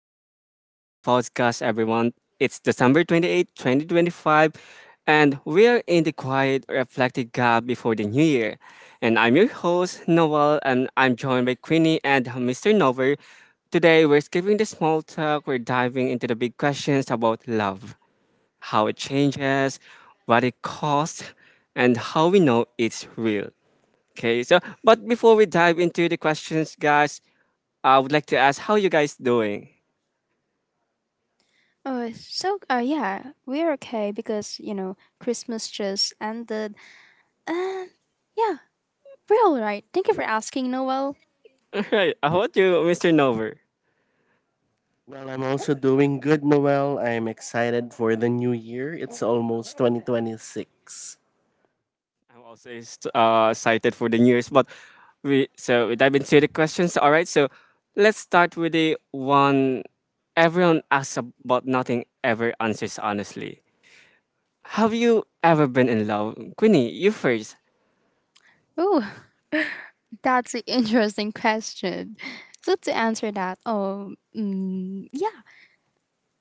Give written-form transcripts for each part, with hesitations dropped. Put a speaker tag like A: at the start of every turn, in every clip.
A: Welcome back to the podcast, everyone. It's December 28, 2025, and we are in the quiet, reflective gap before the new year. And I'm your host, Noel, and I'm joined by Queenie and Mr. Nover. Today, we're skipping the small talk, we're diving into the big questions about love, how it changes, what it costs, and how we know it's real. Okay, so but before we dive into the questions, guys, I would like to ask how you guys doing.
B: Oh, so we're okay because you know Christmas just ended, and yeah, we're all right. Thank you for asking, Noel.
A: Alright, how about you, Mr. Nover?
C: Well, I'm also doing good, Noel. I'm excited for the new year. It's almost 2026.
A: I'm also excited for the new year's, but we dive into the questions. All right, so let's start with the one everyone asks about, nothing ever answers honestly. Have you ever been in love, Queenie? You first.
B: Oh, that's an interesting question. So to answer that,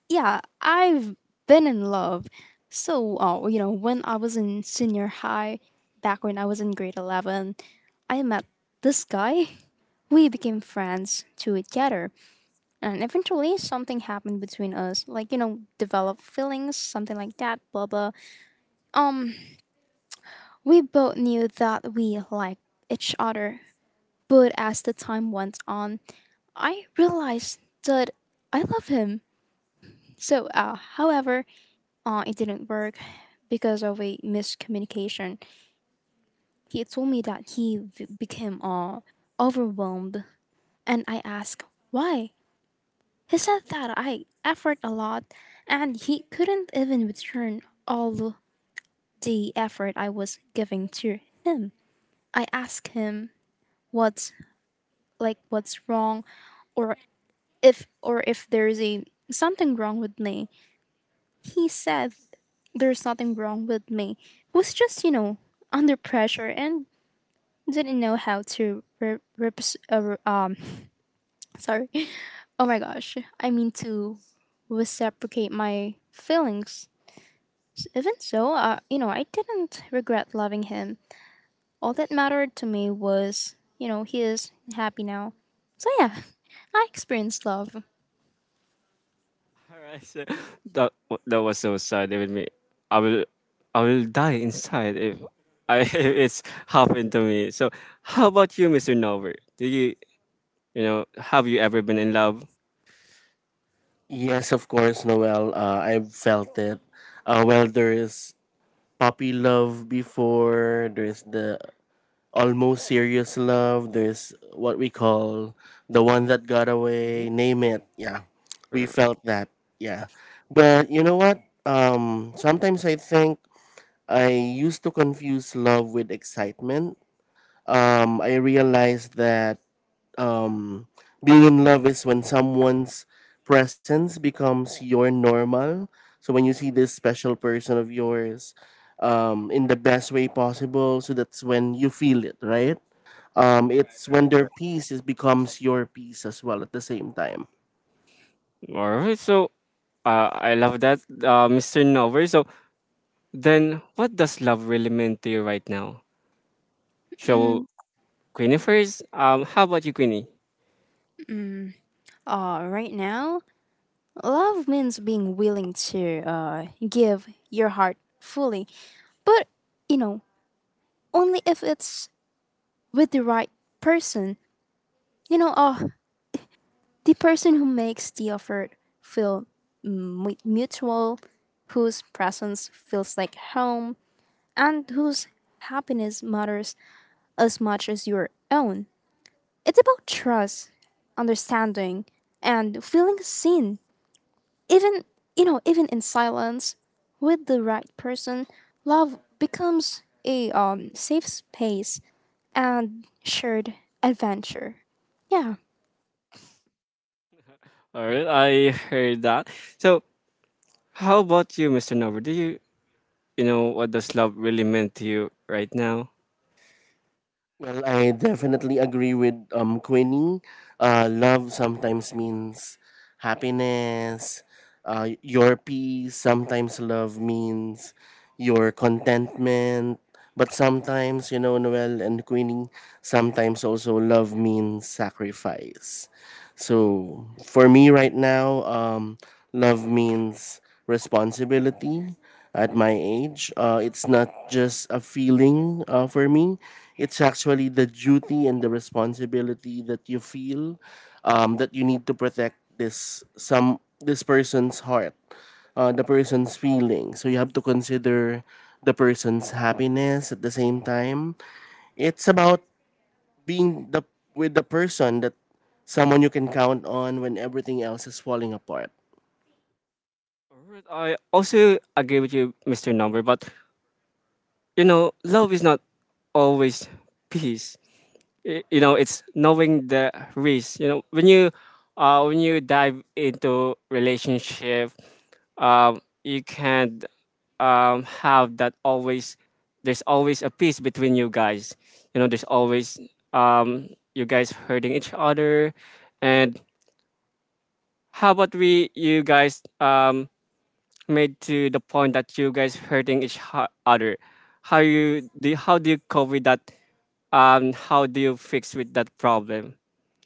B: yeah, I've been in love. So, you know, when I was in senior high, back when I was in grade 11, I met this guy. We became friends together. And eventually, something happened between us, like, you know, developed feelings, something like that, blah blah. We both knew that we liked each other, but as the time went on, I realized that I love him. However, it didn't work because of a miscommunication. He told me that he became overwhelmed, and I asked why. He said that I effort a lot and he couldn't even return all the effort I was giving to him. I asked him what's like what's wrong or or if there's a something wrong with me. He said there's nothing wrong with me. Was just, you know, under pressure and didn't know how to sorry. Oh my gosh. I mean to reciprocate my feelings. Even so, you know, I didn't regret loving him. All that mattered to me was, you know, he is happy now. So yeah, I experienced love.
A: All right, so that was so sad with me. I will I will die inside if I if it's happened to me. So how about you, Mr. Nover? Do you you know Have you ever been in love?
C: Yes, of course, Noel. I've felt it. Well, there is puppy love before, there's the almost serious love, there's what we call the one that got away, name it. Yeah, we
A: Right,
C: felt that. Yeah. But you know what? Sometimes I think I used to confuse love with excitement. I realized that um, being in love is when someone's presence becomes your normal. So when you see this special person of yours in the best way possible, so that's when you feel it, right? It's when their
A: right.
C: peace is, becomes your peace as well at the same time.
A: Alright, so I love that, Mr. Nover. So then, what does love really mean to you right now? So,
B: Mm-mm.
A: Queenie first. How about you, Queenie?
B: Uh, right now, love means being willing to give your heart fully. But, you know, only if it's with the right person. You know, the person who makes the effort feel mutual, whose presence feels like home, and whose happiness matters as much as your own. It's about trust, understanding, and feeling seen. Even, you know, even in silence, with the right person, love becomes a safe space and shared adventure. Yeah.
A: Alright, I heard that. So, how about you, Mr. Nover? Do you, you know, What does love really mean to you right now?
C: Well, I definitely agree with Queenie. Love sometimes means happiness, your peace. Sometimes love means your contentment. But sometimes, you know, Noel and Queenie, sometimes also love means sacrifice. So for me right now, love means responsibility. At my age, it's not just a feeling for me. It's actually the duty and the responsibility that you feel that you need to protect this person's heart, the person's feeling. So you have to consider the person's happiness at the same time. It's about being the with the person that someone you can count on when everything else is falling apart.
A: Alright, I also agree with you, Mr. Nover. But you know, love is not always peace. You know, it's knowing the risk, when you dive into relationship. You can have that always. There's always a peace between you guys, there's always, um you guys hurting each other. And how about we, you guys, made to the point that you guys hurting each other? How do you cope with that? How do you fix with that problem?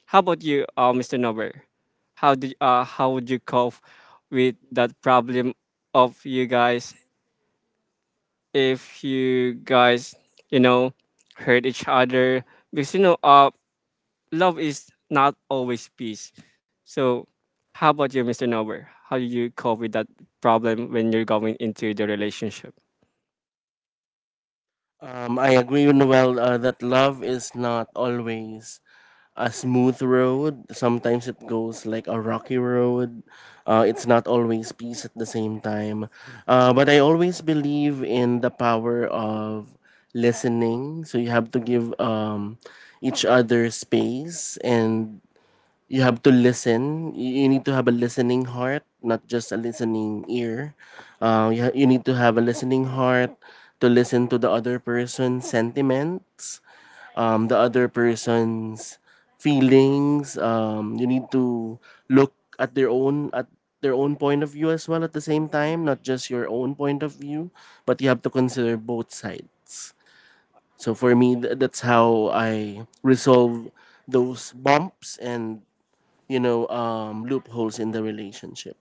A: How about you, Mr. Nober? How would you cope with that problem of you guys, if you guys you know hurt each other? Because you know, love is not always peace. So how about you, Mr. Nober? How do you cope with that problem when you're going into the relationship?
C: I agree with Noel that love is not always a smooth road. Sometimes it goes like a rocky road. It's not always peace at the same time. But I always believe in the power of listening. So you have to give each other space and you have to listen. You need to have a listening heart, not just a listening ear. You you need to have a listening heart to listen to the other person's sentiments, the other person's feelings. You need to look at their own point of view as well at the same time, not just your own point of view, but you have to consider both sides. So for me, that's how I resolve those bumps and, you know, loopholes in the relationship.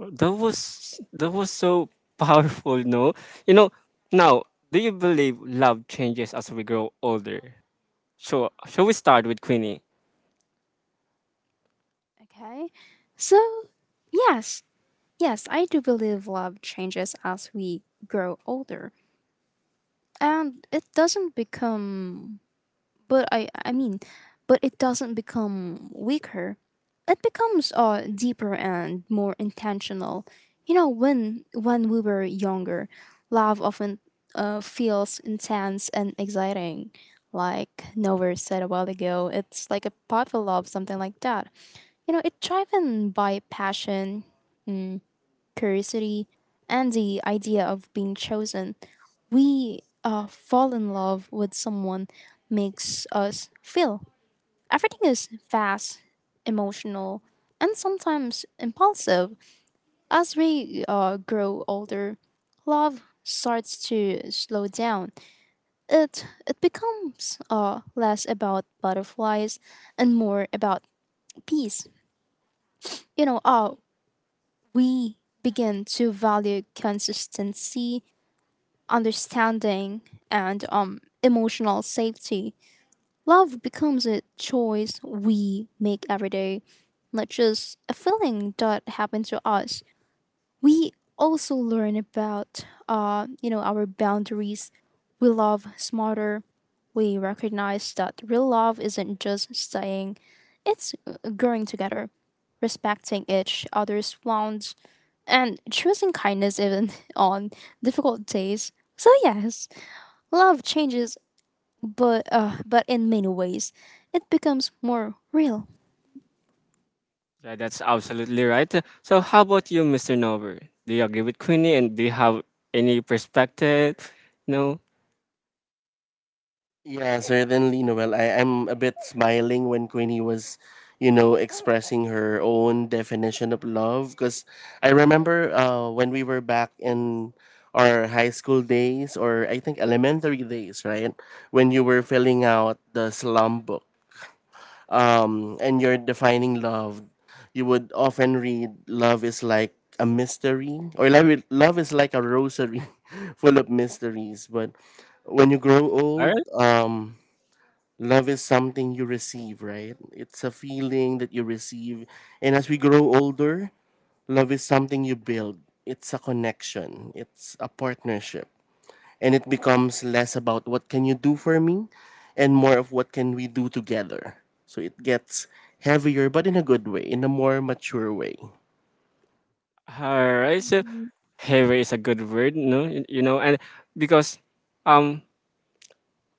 A: That was so powerful. No, you know, now. Do you believe love changes as we grow older? So, shall we start with Queenie?
B: Okay. So, yes, yes, I do believe love changes as we grow older. And it doesn't become But I mean, but it doesn't become weaker. It becomes deeper and more intentional. You know, when we were younger, love often feels intense and exciting. Like Nova said a while ago, it's like a puppy love, something like that. You know, it's driven by passion, curiosity, and the idea of being chosen, we fall in love with someone makes us feel. Everything is fast, emotional, and sometimes impulsive. As we grow older, love starts to slow down. It becomes less about butterflies and more about peace. You know, we begin to value consistency understanding and emotional safety. Love becomes a choice we make every day, not just a feeling that happened to us. We also learn about you know our boundaries. We love smarter. We recognize that real love isn't just staying; it's growing together, respecting each other's wants, and choosing kindness even on difficult days. So yes, love changes, but in many ways, it becomes more real.
A: Yeah, that's absolutely right. So, how about you, Mr. Nover? Do you agree with Queenie, and do you have any perspective? No?
C: Yeah, certainly, Noel. I'm a bit smiling when Queenie was, you know, expressing her own definition of love. Because I remember when we were back in our high school days, or I think elementary days, right? When you were filling out the slum book, and you're defining love, you would often read love is like a mystery or love is like a rosary full of mysteries. But when you grow
A: All
C: old,
A: right.
C: love is something you receive, right? It's a feeling that you receive. And as we grow older, love is something you build. It's a connection. It's a partnership, and it becomes less about what can you do for me and more of what can we do together. So it gets heavier, but in a good way, in a more mature way.
A: All right. So, "heavy" is a good word, no? You, and because, um,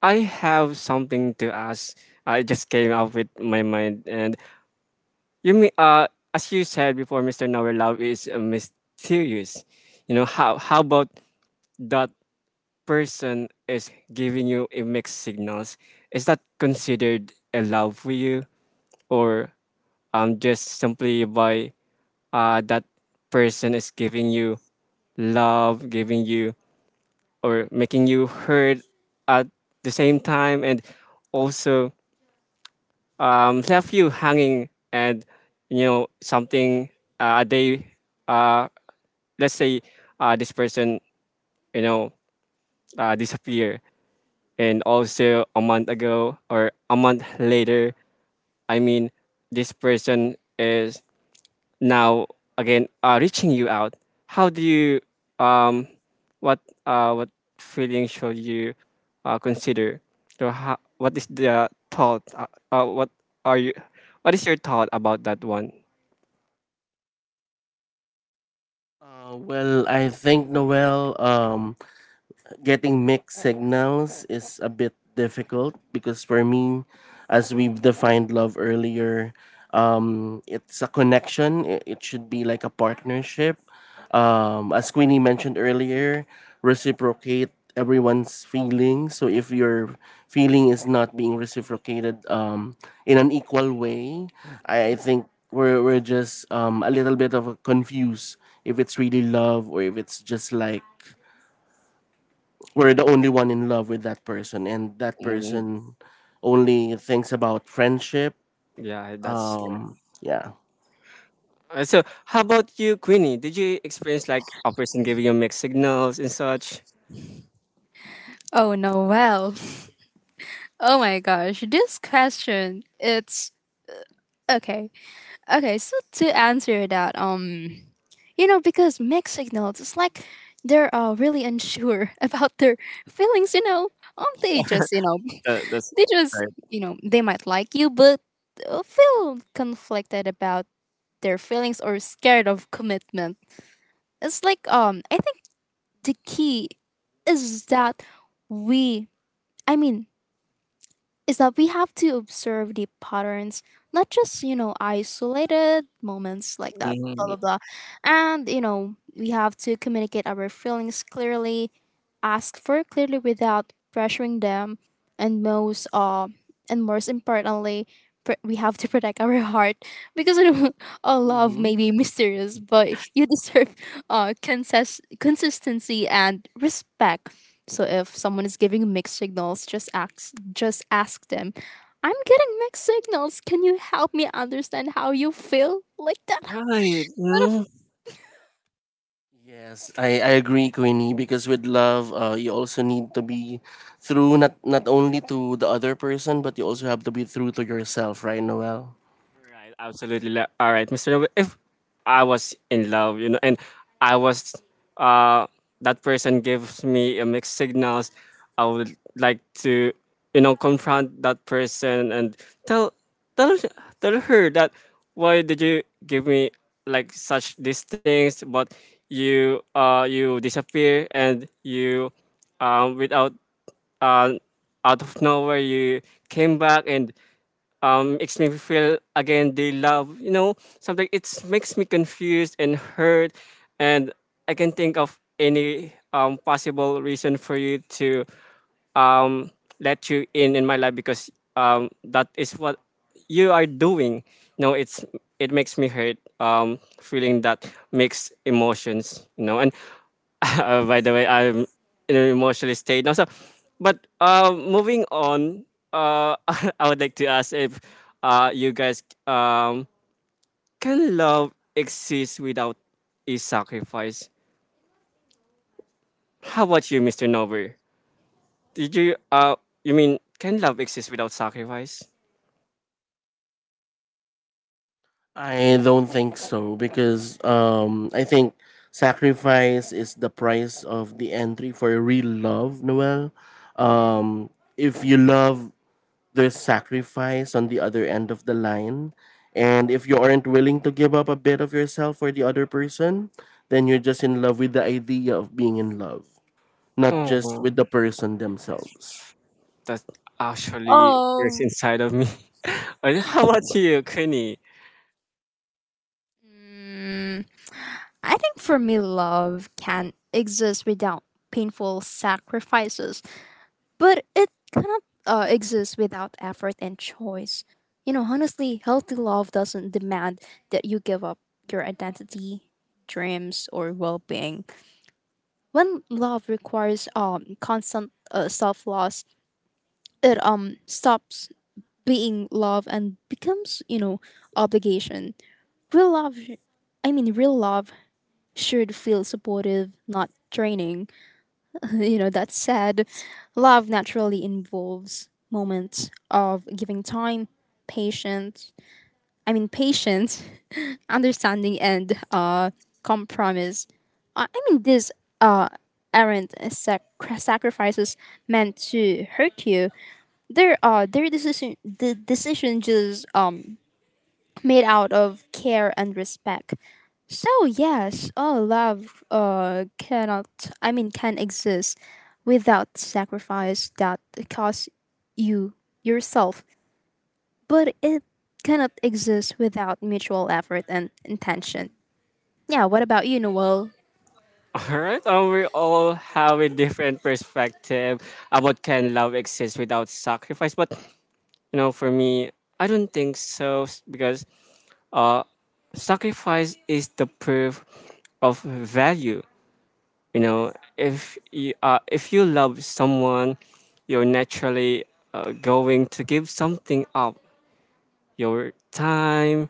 A: I have something to ask. I just came up with my mind. And you mean, as you said before, Mr. Nover, love is mysterious. You know, how about that person is giving you a mixed signals, is that considered a love for you, or just simply by, that person is giving you love, giving you, or making you hurt at the same time, and also, left you hanging, and you know something, they uh let's say, this person, you know, disappear, and also a month ago or a month later, I mean, this person is now again, reaching you out. How do you, um what what feeling should you consider? So how, what is the thought, what are you, what is your thought about that one?
C: Well, I think, Noel, getting mixed signals is a bit difficult because for me, as we've defined love earlier, it's a connection. It should be like a partnership. As Queenie mentioned earlier, reciprocate everyone's feelings. So if your feeling is not being reciprocated in an equal way, I
A: Mhm.
C: think we're just a little bit of a confused if it's really love or if it's just like we're the only one in love with that person and that
A: Mm,
C: person only thinks about friendship.
A: yeah, that's right.
C: Yeah.
A: So how about you, Queenie, did you experience like a person giving you mixed signals and such?
B: Oh no, well. Oh my gosh, this question, it's okay. Okay, so to answer that, you know, because mixed signals, it's like they're really unsure about their feelings. You know, they just, you know,
A: That's.
B: they just, you know, they might like you but feel conflicted about their feelings or scared of commitment. It's like I think the key is that we, I mean, is that we have to observe the patterns, not just, you know, isolated moments like that, blah, blah,
A: Mm,
B: blah. And, you know, we have to communicate our feelings clearly ask for clearly without pressuring them and most importantly we have to protect our heart because I don't, love
C: Mm-hmm.
B: may be mysterious but you deserve consistency and respect so if someone is giving mixed signals just ask them, I'm getting mixed signals, can you help me understand how you feel like that.
A: right. Mm.
C: Yes, I agree, Queenie, because with love you also need to be through, not not only to the other person but you also have to be through to yourself, right, Noel?
A: Right. Absolutely. All right, Mr. Noble, if I was in love, you know, and I was, uh, that person gives me a mixed signals, I would like to, you know, confront that person and tell, tell, tell her that why did you give me like such these things, but you, you disappear, and you, without, uh, out of nowhere you came back, and makes me feel again they love, you know something, it makes me confused and hurt. And I can think of any possible reason for you to, um, let you in my life, because, that is what you are doing. You know, it's, it makes me hurt. Feeling that mixed emotions. You know, and by the way, I'm in an emotionally state now. So, but moving on, uh, I would like to ask if, you guys, can love exist without a sacrifice? How about you, Mister Nover? Did you you mean Can love exist without sacrifice?
C: I don't think so because I think sacrifice is the price of the entry for real love, Noel. um if you love, there's sacrifice on the other end of the line. And if you aren't willing to give up a bit of yourself for the other person, then you're just in love with the idea of being in love, not
A: Oh,
C: just
A: wow.
C: with the person themselves.
A: That's actually is
B: Oh,
A: inside of me. And how about you, Kenny?
B: I think for me, love can exist without painful sacrifices, but it cannot exist without effort and choice. You know, honestly, healthy love doesn't demand that you give up your identity, dreams, or well being. When love requires constant self loss, it stops being love and becomes, you know, obligation. Real love real love should feel supportive, not draining. You know, that's sad. Love naturally involves moments of giving time, patience, patience, understanding, and compromise. I mean, these uh, aren't sacrifices meant to hurt you. The decision just made out of care and respect. So yes, all love cannot I mean can exist without sacrifice that costs you yourself, but it cannot exist without mutual effort and intention. Yeah, what about you, Noel?
A: All right, we all have a different perspective about can love exist without sacrifice. But you know, for me, I don't think because, uh, sacrifice is the proof of value. You know, if you, if you love someone, you're naturally going to give something up. Your time,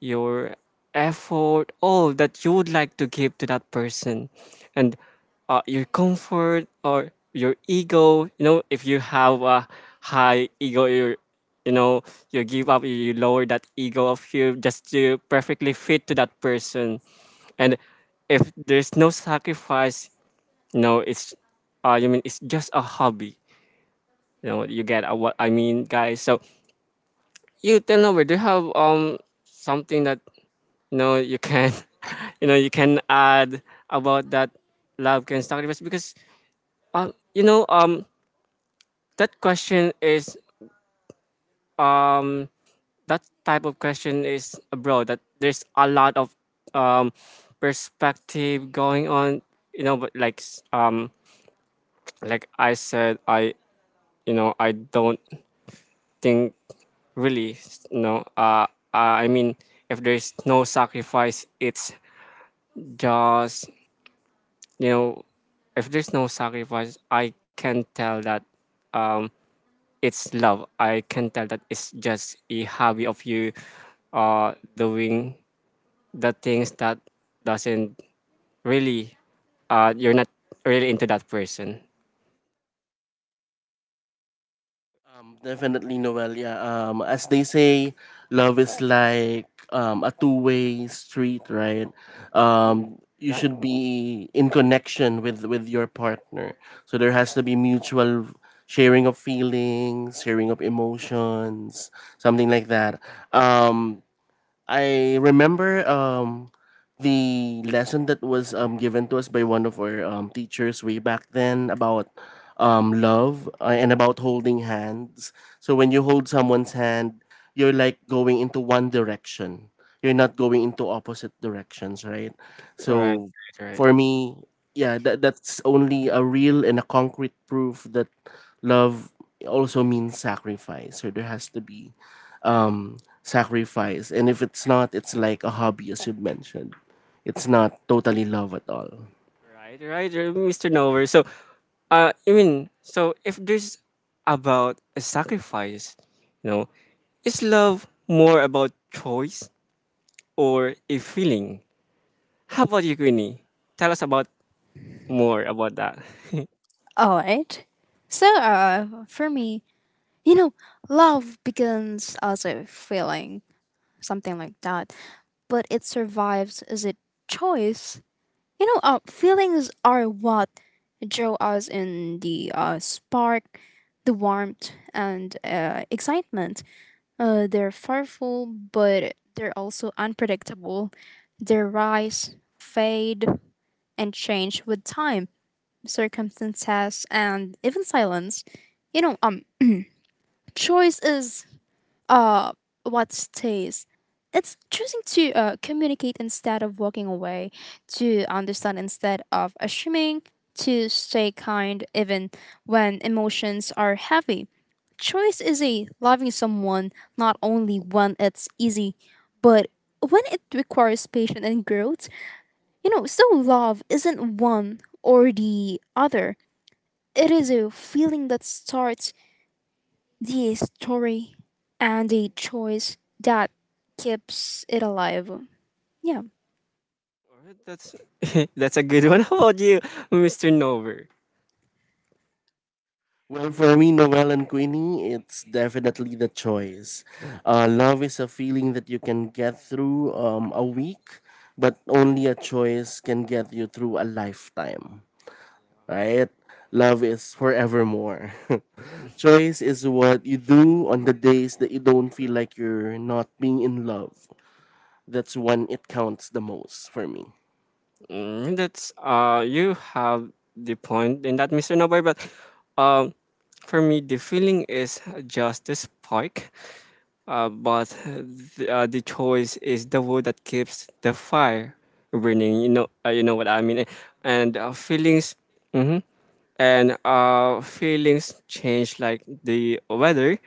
A: your effort, all that you would like to give to that person, and your comfort or your ego. You know, if you have a high ego, you know, you give up, you lower that ego of you just to perfectly fit to that person, and if there's no sacrifice, you know, it's, you mean it's just a hobby. You know, you get, what I mean, guys. So you tell over. Do you have something that, you know, you can you know, you can add about that, love can sacrifice? Because, um, you know um that question is, um that type of question is abroad, that there's a lot of um perspective going on, you know. But like I said, I, you know, I don't think really, I mean, if there's no sacrifice, it's just, you know, if there's no sacrifice, I can tell that, um it's love. I can tell that it's just a hobby of you, doing the things that doesn't really, you're not really into that person.
C: Definitely, Noel. Yeah. As they say, love is like a two-way street, right? You
A: Yeah.
C: should be in connection with your partner, so there has to be mutual sharing of feelings, sharing of emotions, something like that. Um, I remember the lesson that was given to us by one of our teachers way back then about love and about holding hands. So when you hold someone's hand, you're like going into one direction. You're not going into opposite directions, right?
A: right
C: So
A: right
C: for me, yeah, that that's only a real and a concrete proof that love also means sacrifice. So there has to be sacrifice. And if it's not, it's like a hobby, as you mentioned. It's not totally love at all.
A: right, right, Mr. Nover. So, I mean, so if there's about a sacrifice, you know, is love more about choice or a feeling? How about you, Queenie? Tell us about more about that.
B: All right. So for me, you know, love begins as a feeling, something like that, but it survives as a choice. You know, feelings are what draw us in the spark, the warmth, and excitement. They're powerful, but they're also unpredictable. They rise, fade, and change with time, circumstances, and even silence. You know, choice is uh, what stays. It's choosing to communicate instead of walking away, to understand instead of assuming, to stay kind even when emotions are heavy. Choice is a loving someone not only when it's easy, but when it requires patience and growth. You know, so love isn't one or the other. It is a feeling that starts the story and the choice that keeps it alive. Yeah.
A: Alright, that's that's a good one. How about you, Mr. Nover?
C: Well, for me, Noel and Queenie, it's definitely the choice. Love is a feeling that you can get through a week, but only a choice can get you through a lifetime, right? Love is forevermore. Choice is what you do on the days that you don't feel like you're not being in love. That's when it counts the most for me.
A: Mm, that's you have the point in that, Mr. Nover. But, um, for me, the feeling is just the spark. But the choice is the wood that keeps the fire burning. You know what I mean. And feelings. Mm-hmm. And feelings change like the weather.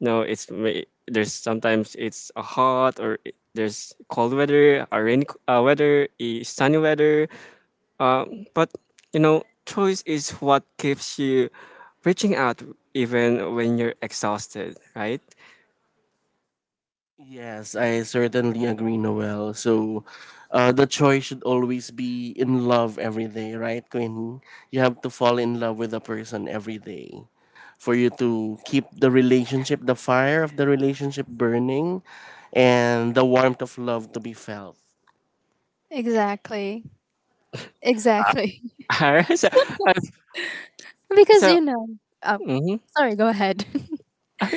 A: No, there's sometimes it's a hot, there's cold weather, a rainy weather, a sunny weather. Uh, but you know, choice is what keeps you reaching out even when you're exhausted, right?
C: Yes, I certainly agree, Noel. So, the choice should always be in love every day, right, Queen? You have to fall in love with a person every day for you to keep the relationship, the fire of the relationship burning, and the warmth of love to be felt.
B: Exactly. Exactly.
A: Alright, so, uh,
B: Because
A: so
B: you know, oh,
A: mhm.
B: sorry, go ahead.
A: Uh,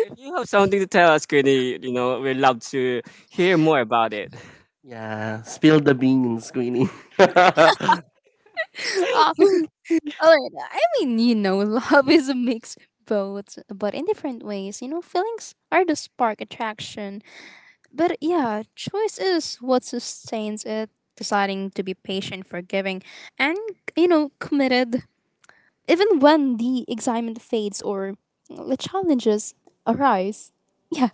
A: if you have something to tell us, Queenie, you know, we'd love to hear more about it.
C: Yeah, spill the beans, Queenie. The
B: uh, alright, I mean, you know, love is a mix both, but in different ways. You know, feelings are the spark attraction, but yeah, choice is what sustains it. Deciding to be patient, forgiving, and you know, committed even when the excitement fades or the challenges arise. Yeah.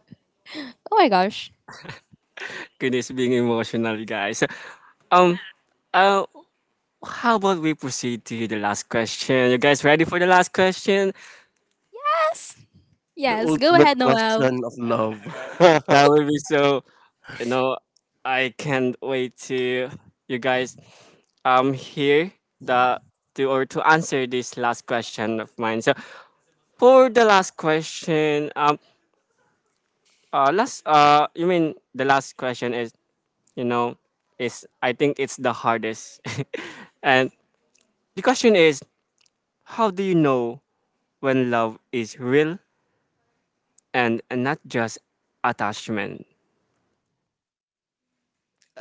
B: Oh my gosh.
A: Queenie's being emotional, you guys. So, um, uh, how about we proceed to the last question? You guys ready for the last question?
B: Yes. Yes. Go
C: ultimate
B: ahead, Noel.
C: question of love.
A: That will be so. You know, I can't wait to you guys, hear the, to answer this last question of mine. So for the last question, last you mean the last question is, you know, is, I think it's the hardest, and the question is, how do you know when love is real, and not just attachment.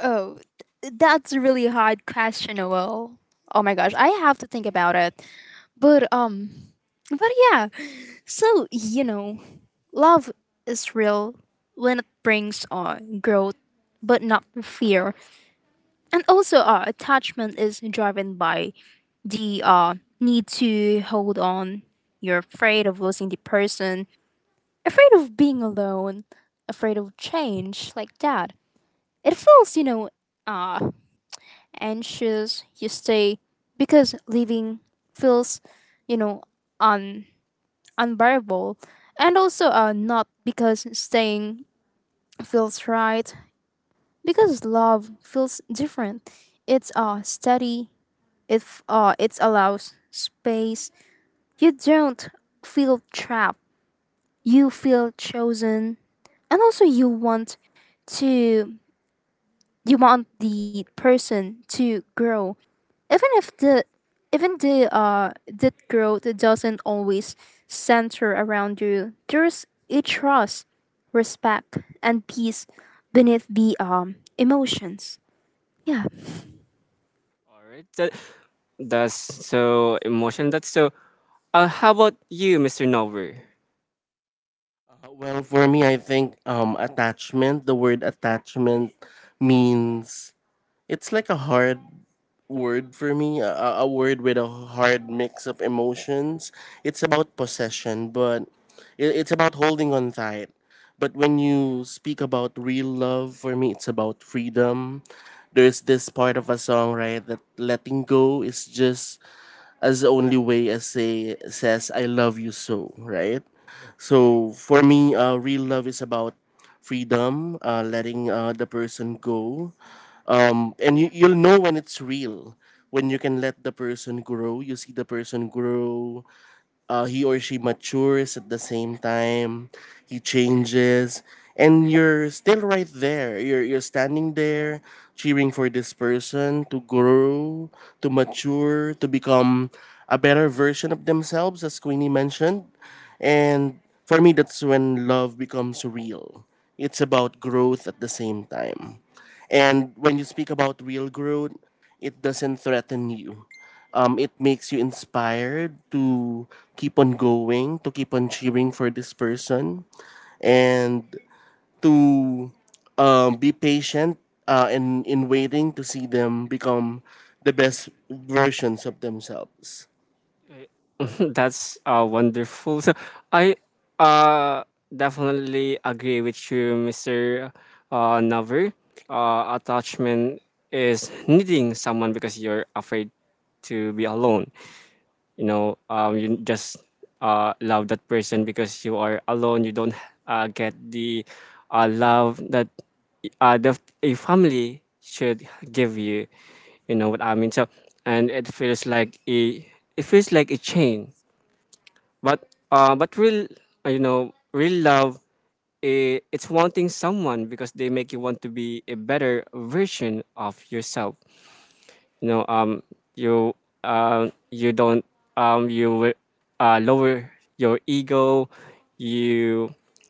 B: Oh, that's a really hard question, Noel. Oh my gosh, I have to think about it. But um, but yeah. So you know, love is real when it brings on growth, but not fear. And also our attachment is driven by the need to hold on, you're afraid of losing the person, afraid of being alone, afraid of change like that. It feels, you know, uh, anxious, you stay because leaving feels, you know, un- unbearable, and also not because staying feels right. Because love feels different, it's steady. If it allows space, you don't feel trapped. You feel chosen, and also to you want the person to grow, even if the the growth doesn't always center around you. There's a trust, respect, and peace beneath the emotions. Yeah.
A: All right, that, that's so emotion. That's so. How about you, Mr. Nover?
C: Well, for me, I think attachment, the word attachment means, it's like a hard word for me, a word with a hard mix of emotions. It's about possession, but it's about holding on tight. But when you speak about real love, for me, it's about freedom. There's this part of a song, right, that letting go is just as the only way as say says I love you so, right? So for me, real love is about freedom, letting the person go, and you'll know when it's real when you can let the person grow. You see the person grow, he or she matures at the same time. He changes, and you're still right there. You're standing there, cheering for this person to grow, to mature, to become a better version of themselves, as Queenie mentioned. And for me, that's when love becomes real. It's about growth at the same time. And when you speak about real growth, it doesn't threaten you. It makes you inspired to keep on going, to keep on cheering for this person, and to be patient in waiting to see them become the best versions of themselves.
A: Eh, that's uh, wonderful. So I, uh definitely agree with you, Mr. Navar. Uh, attachment is needing someone because you're afraid to be alone. You know, you just, love that person because you are alone, you don't, get the, love that, the, a family should give you. You know what I mean. So, and it feels like a, it feels like a chain. But, real, you know, real love, eh, it's wanting someone because they make you want to be a better version of yourself. You know, you um, you don't, um you wi- lower your ego. You,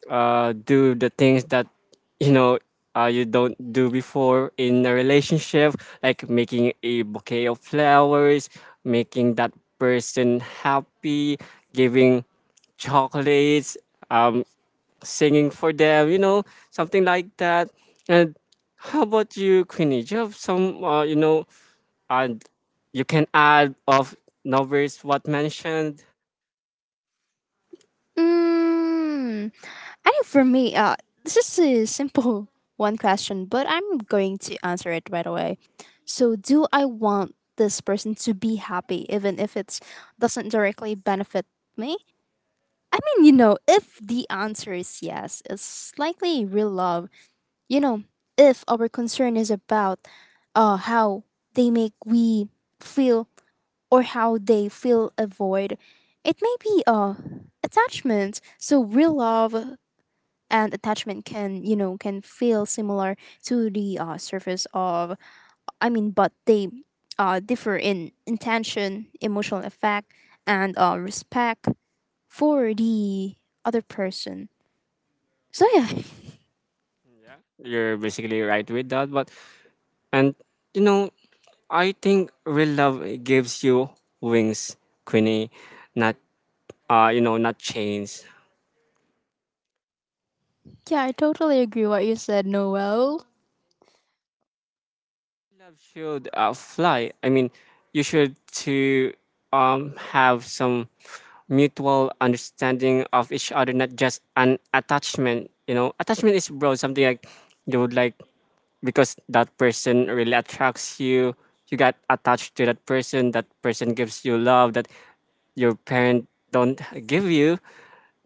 A: do the things that, you know, you don't do before in a relationship, like making a bouquet of flowers, making that person happy, giving chocolates, um singing for them, you know, something like that. And how about you, Queenie, do you have some, you know, uh, you can add of novels what mentioned.
B: Mm, I think for me, this is a simple one question, but I'm going to answer it right away. So, do I want this person to be happy, even if it doesn't directly benefit me? I mean, you know, if the answer is yes, it's likely real love. You know, if our concern is about how they make we feel or how they fill a void. It may be attachment. So real love and attachment can you know can feel similar to the surface of, I mean, but they differ in intention, emotional effect, and respect for the other person. So yeah.
A: Yeah, you're basically right with that. But and you know, I think real love gives you wings, Queenie. Not, you know, not chains.
B: Yeah, I totally agree what you said, Noel.
A: Love should, fly. I mean, you should to, have some mutual understanding of each other, not just an attachment. You know, attachment is broad, something like you would like, because that person really attracts you, you got attached to that person, that person gives you love that your parent don't give you,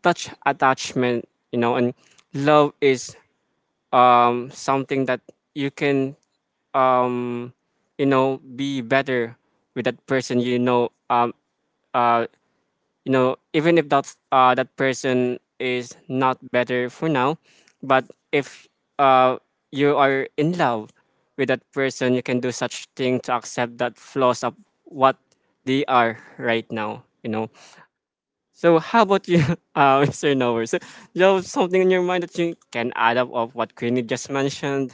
A: touch attachment, you know. And love is something that you can, um be better with that person, you know, uh even if that's, that person is not better for now, but if, uh you are in love with that person, you can do such thing to accept that flaws of what they are right now, you know. So how about you, Mr. Nover? So, you have something in your mind that you can add up of what Queenie just mentioned.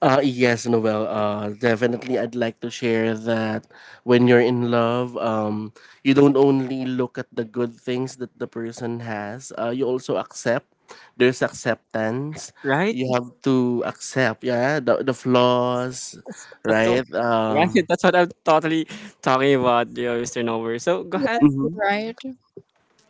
C: Yes, Noel. Definitely, I'd like to share that when you're in love, you don't only look at the good things that the person has. You also accept. There's acceptance.
A: Right.
C: You have to accept, yeah, the flaws,
A: That's so
C: right?
A: right. That's what I'm totally talking about, you know, Mr. Nover. So go
B: Yes,
A: ahead.
B: you're right.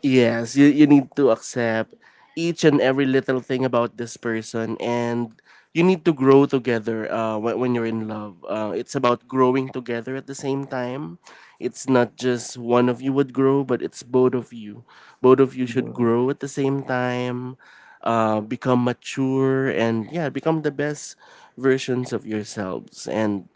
C: yes, you need to accept each and every little thing about this person, and you need to grow together when you're in love. It's about growing together at the same time. It's not just one of you would grow, but it's both of you. Both of you should
A: All
C: grow at the same time, become mature, and yeah, become the best versions of yourselves. And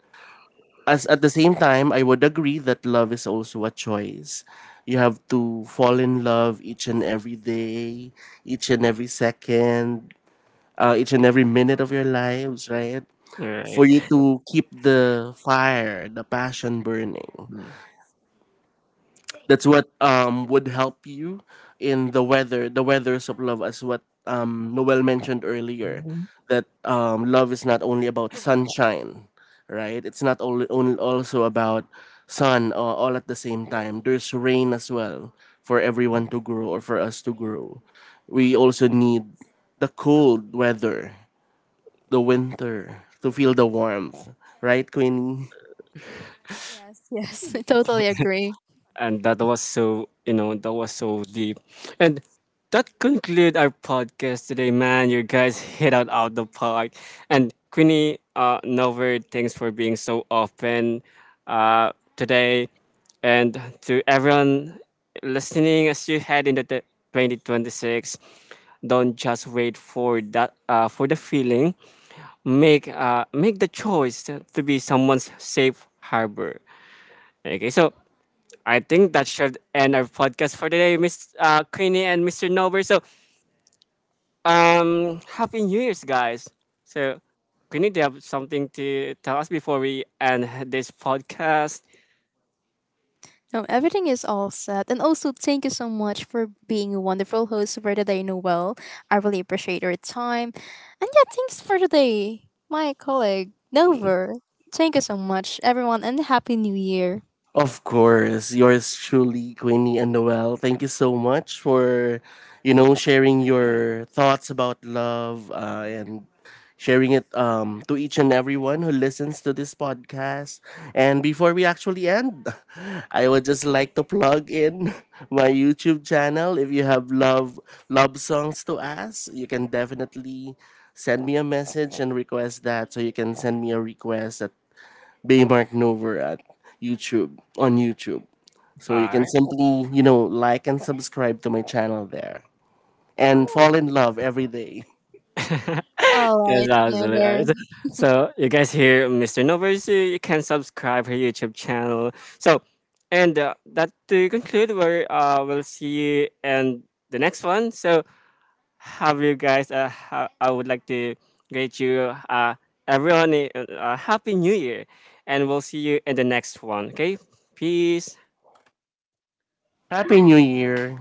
C: as at the same time, I would agree that love is also a choice. You have to fall in love each and every day, each and every second, each and every minute of your lives, right? For you
A: right.
C: to keep the fire, the passion burning, that's what would help you in the weathers of love, as what Noel mentioned earlier, that love is not only about sunshine, right? It's not only, only also about sun, all at the same time there's rain as well. For everyone to grow, or for us to grow, we also need the cold weather, the winter, to feel the warmth, right, Queenie?
B: Yes, yes, I totally agree.
A: And that was so, you know, that was so deep. And that conclude our podcast today, man. You guys hit out out the park. And Queenie, Nover, thanks for being so open today. And to everyone listening, as you head into the 2026, don't just wait for that, for the feeling. Make the choice to be someone's safe harbor. Okay, so I think that should end our podcast for today, Miss, Queenie and Mr. Nober. So, happy New Year's, guys. So, Queenie, do you have something to tell us before we end this podcast?
B: No, everything is all set. And also, thank you so much for being a wonderful host for today, Noel. I really appreciate your time. And yeah, thanks for today, my colleague,
A: Mm.
B: Nover. Thank you so much, everyone, and Happy New Year.
C: Of course, yours truly, Queenie and Noel. Thank you so much for, you know, sharing your thoughts about love, and sharing it to each and everyone who listens to this podcast. And before we actually end, I would just like to plug in my YouTube channel. If you have love songs to us, you can definitely send me a message and request that. So you can send me a request at Baymark Nover at YouTube, on YouTube. So you
A: All
C: can
A: right.
C: simply, you know, like and subscribe to my channel there and fall in love every day.
B: All
A: Yes,
B: right,
A: absolutely. All right.
B: Nover.
A: So, you guys hear Mr. Nober, so you can subscribe her YouTube channel. So, and that to conclude, we're, we'll see you in the next one. So, have you guys. I would like to greet you, everyone, a, happy new year, and we'll see you in the next one. Okay, peace.
C: Happy New Year.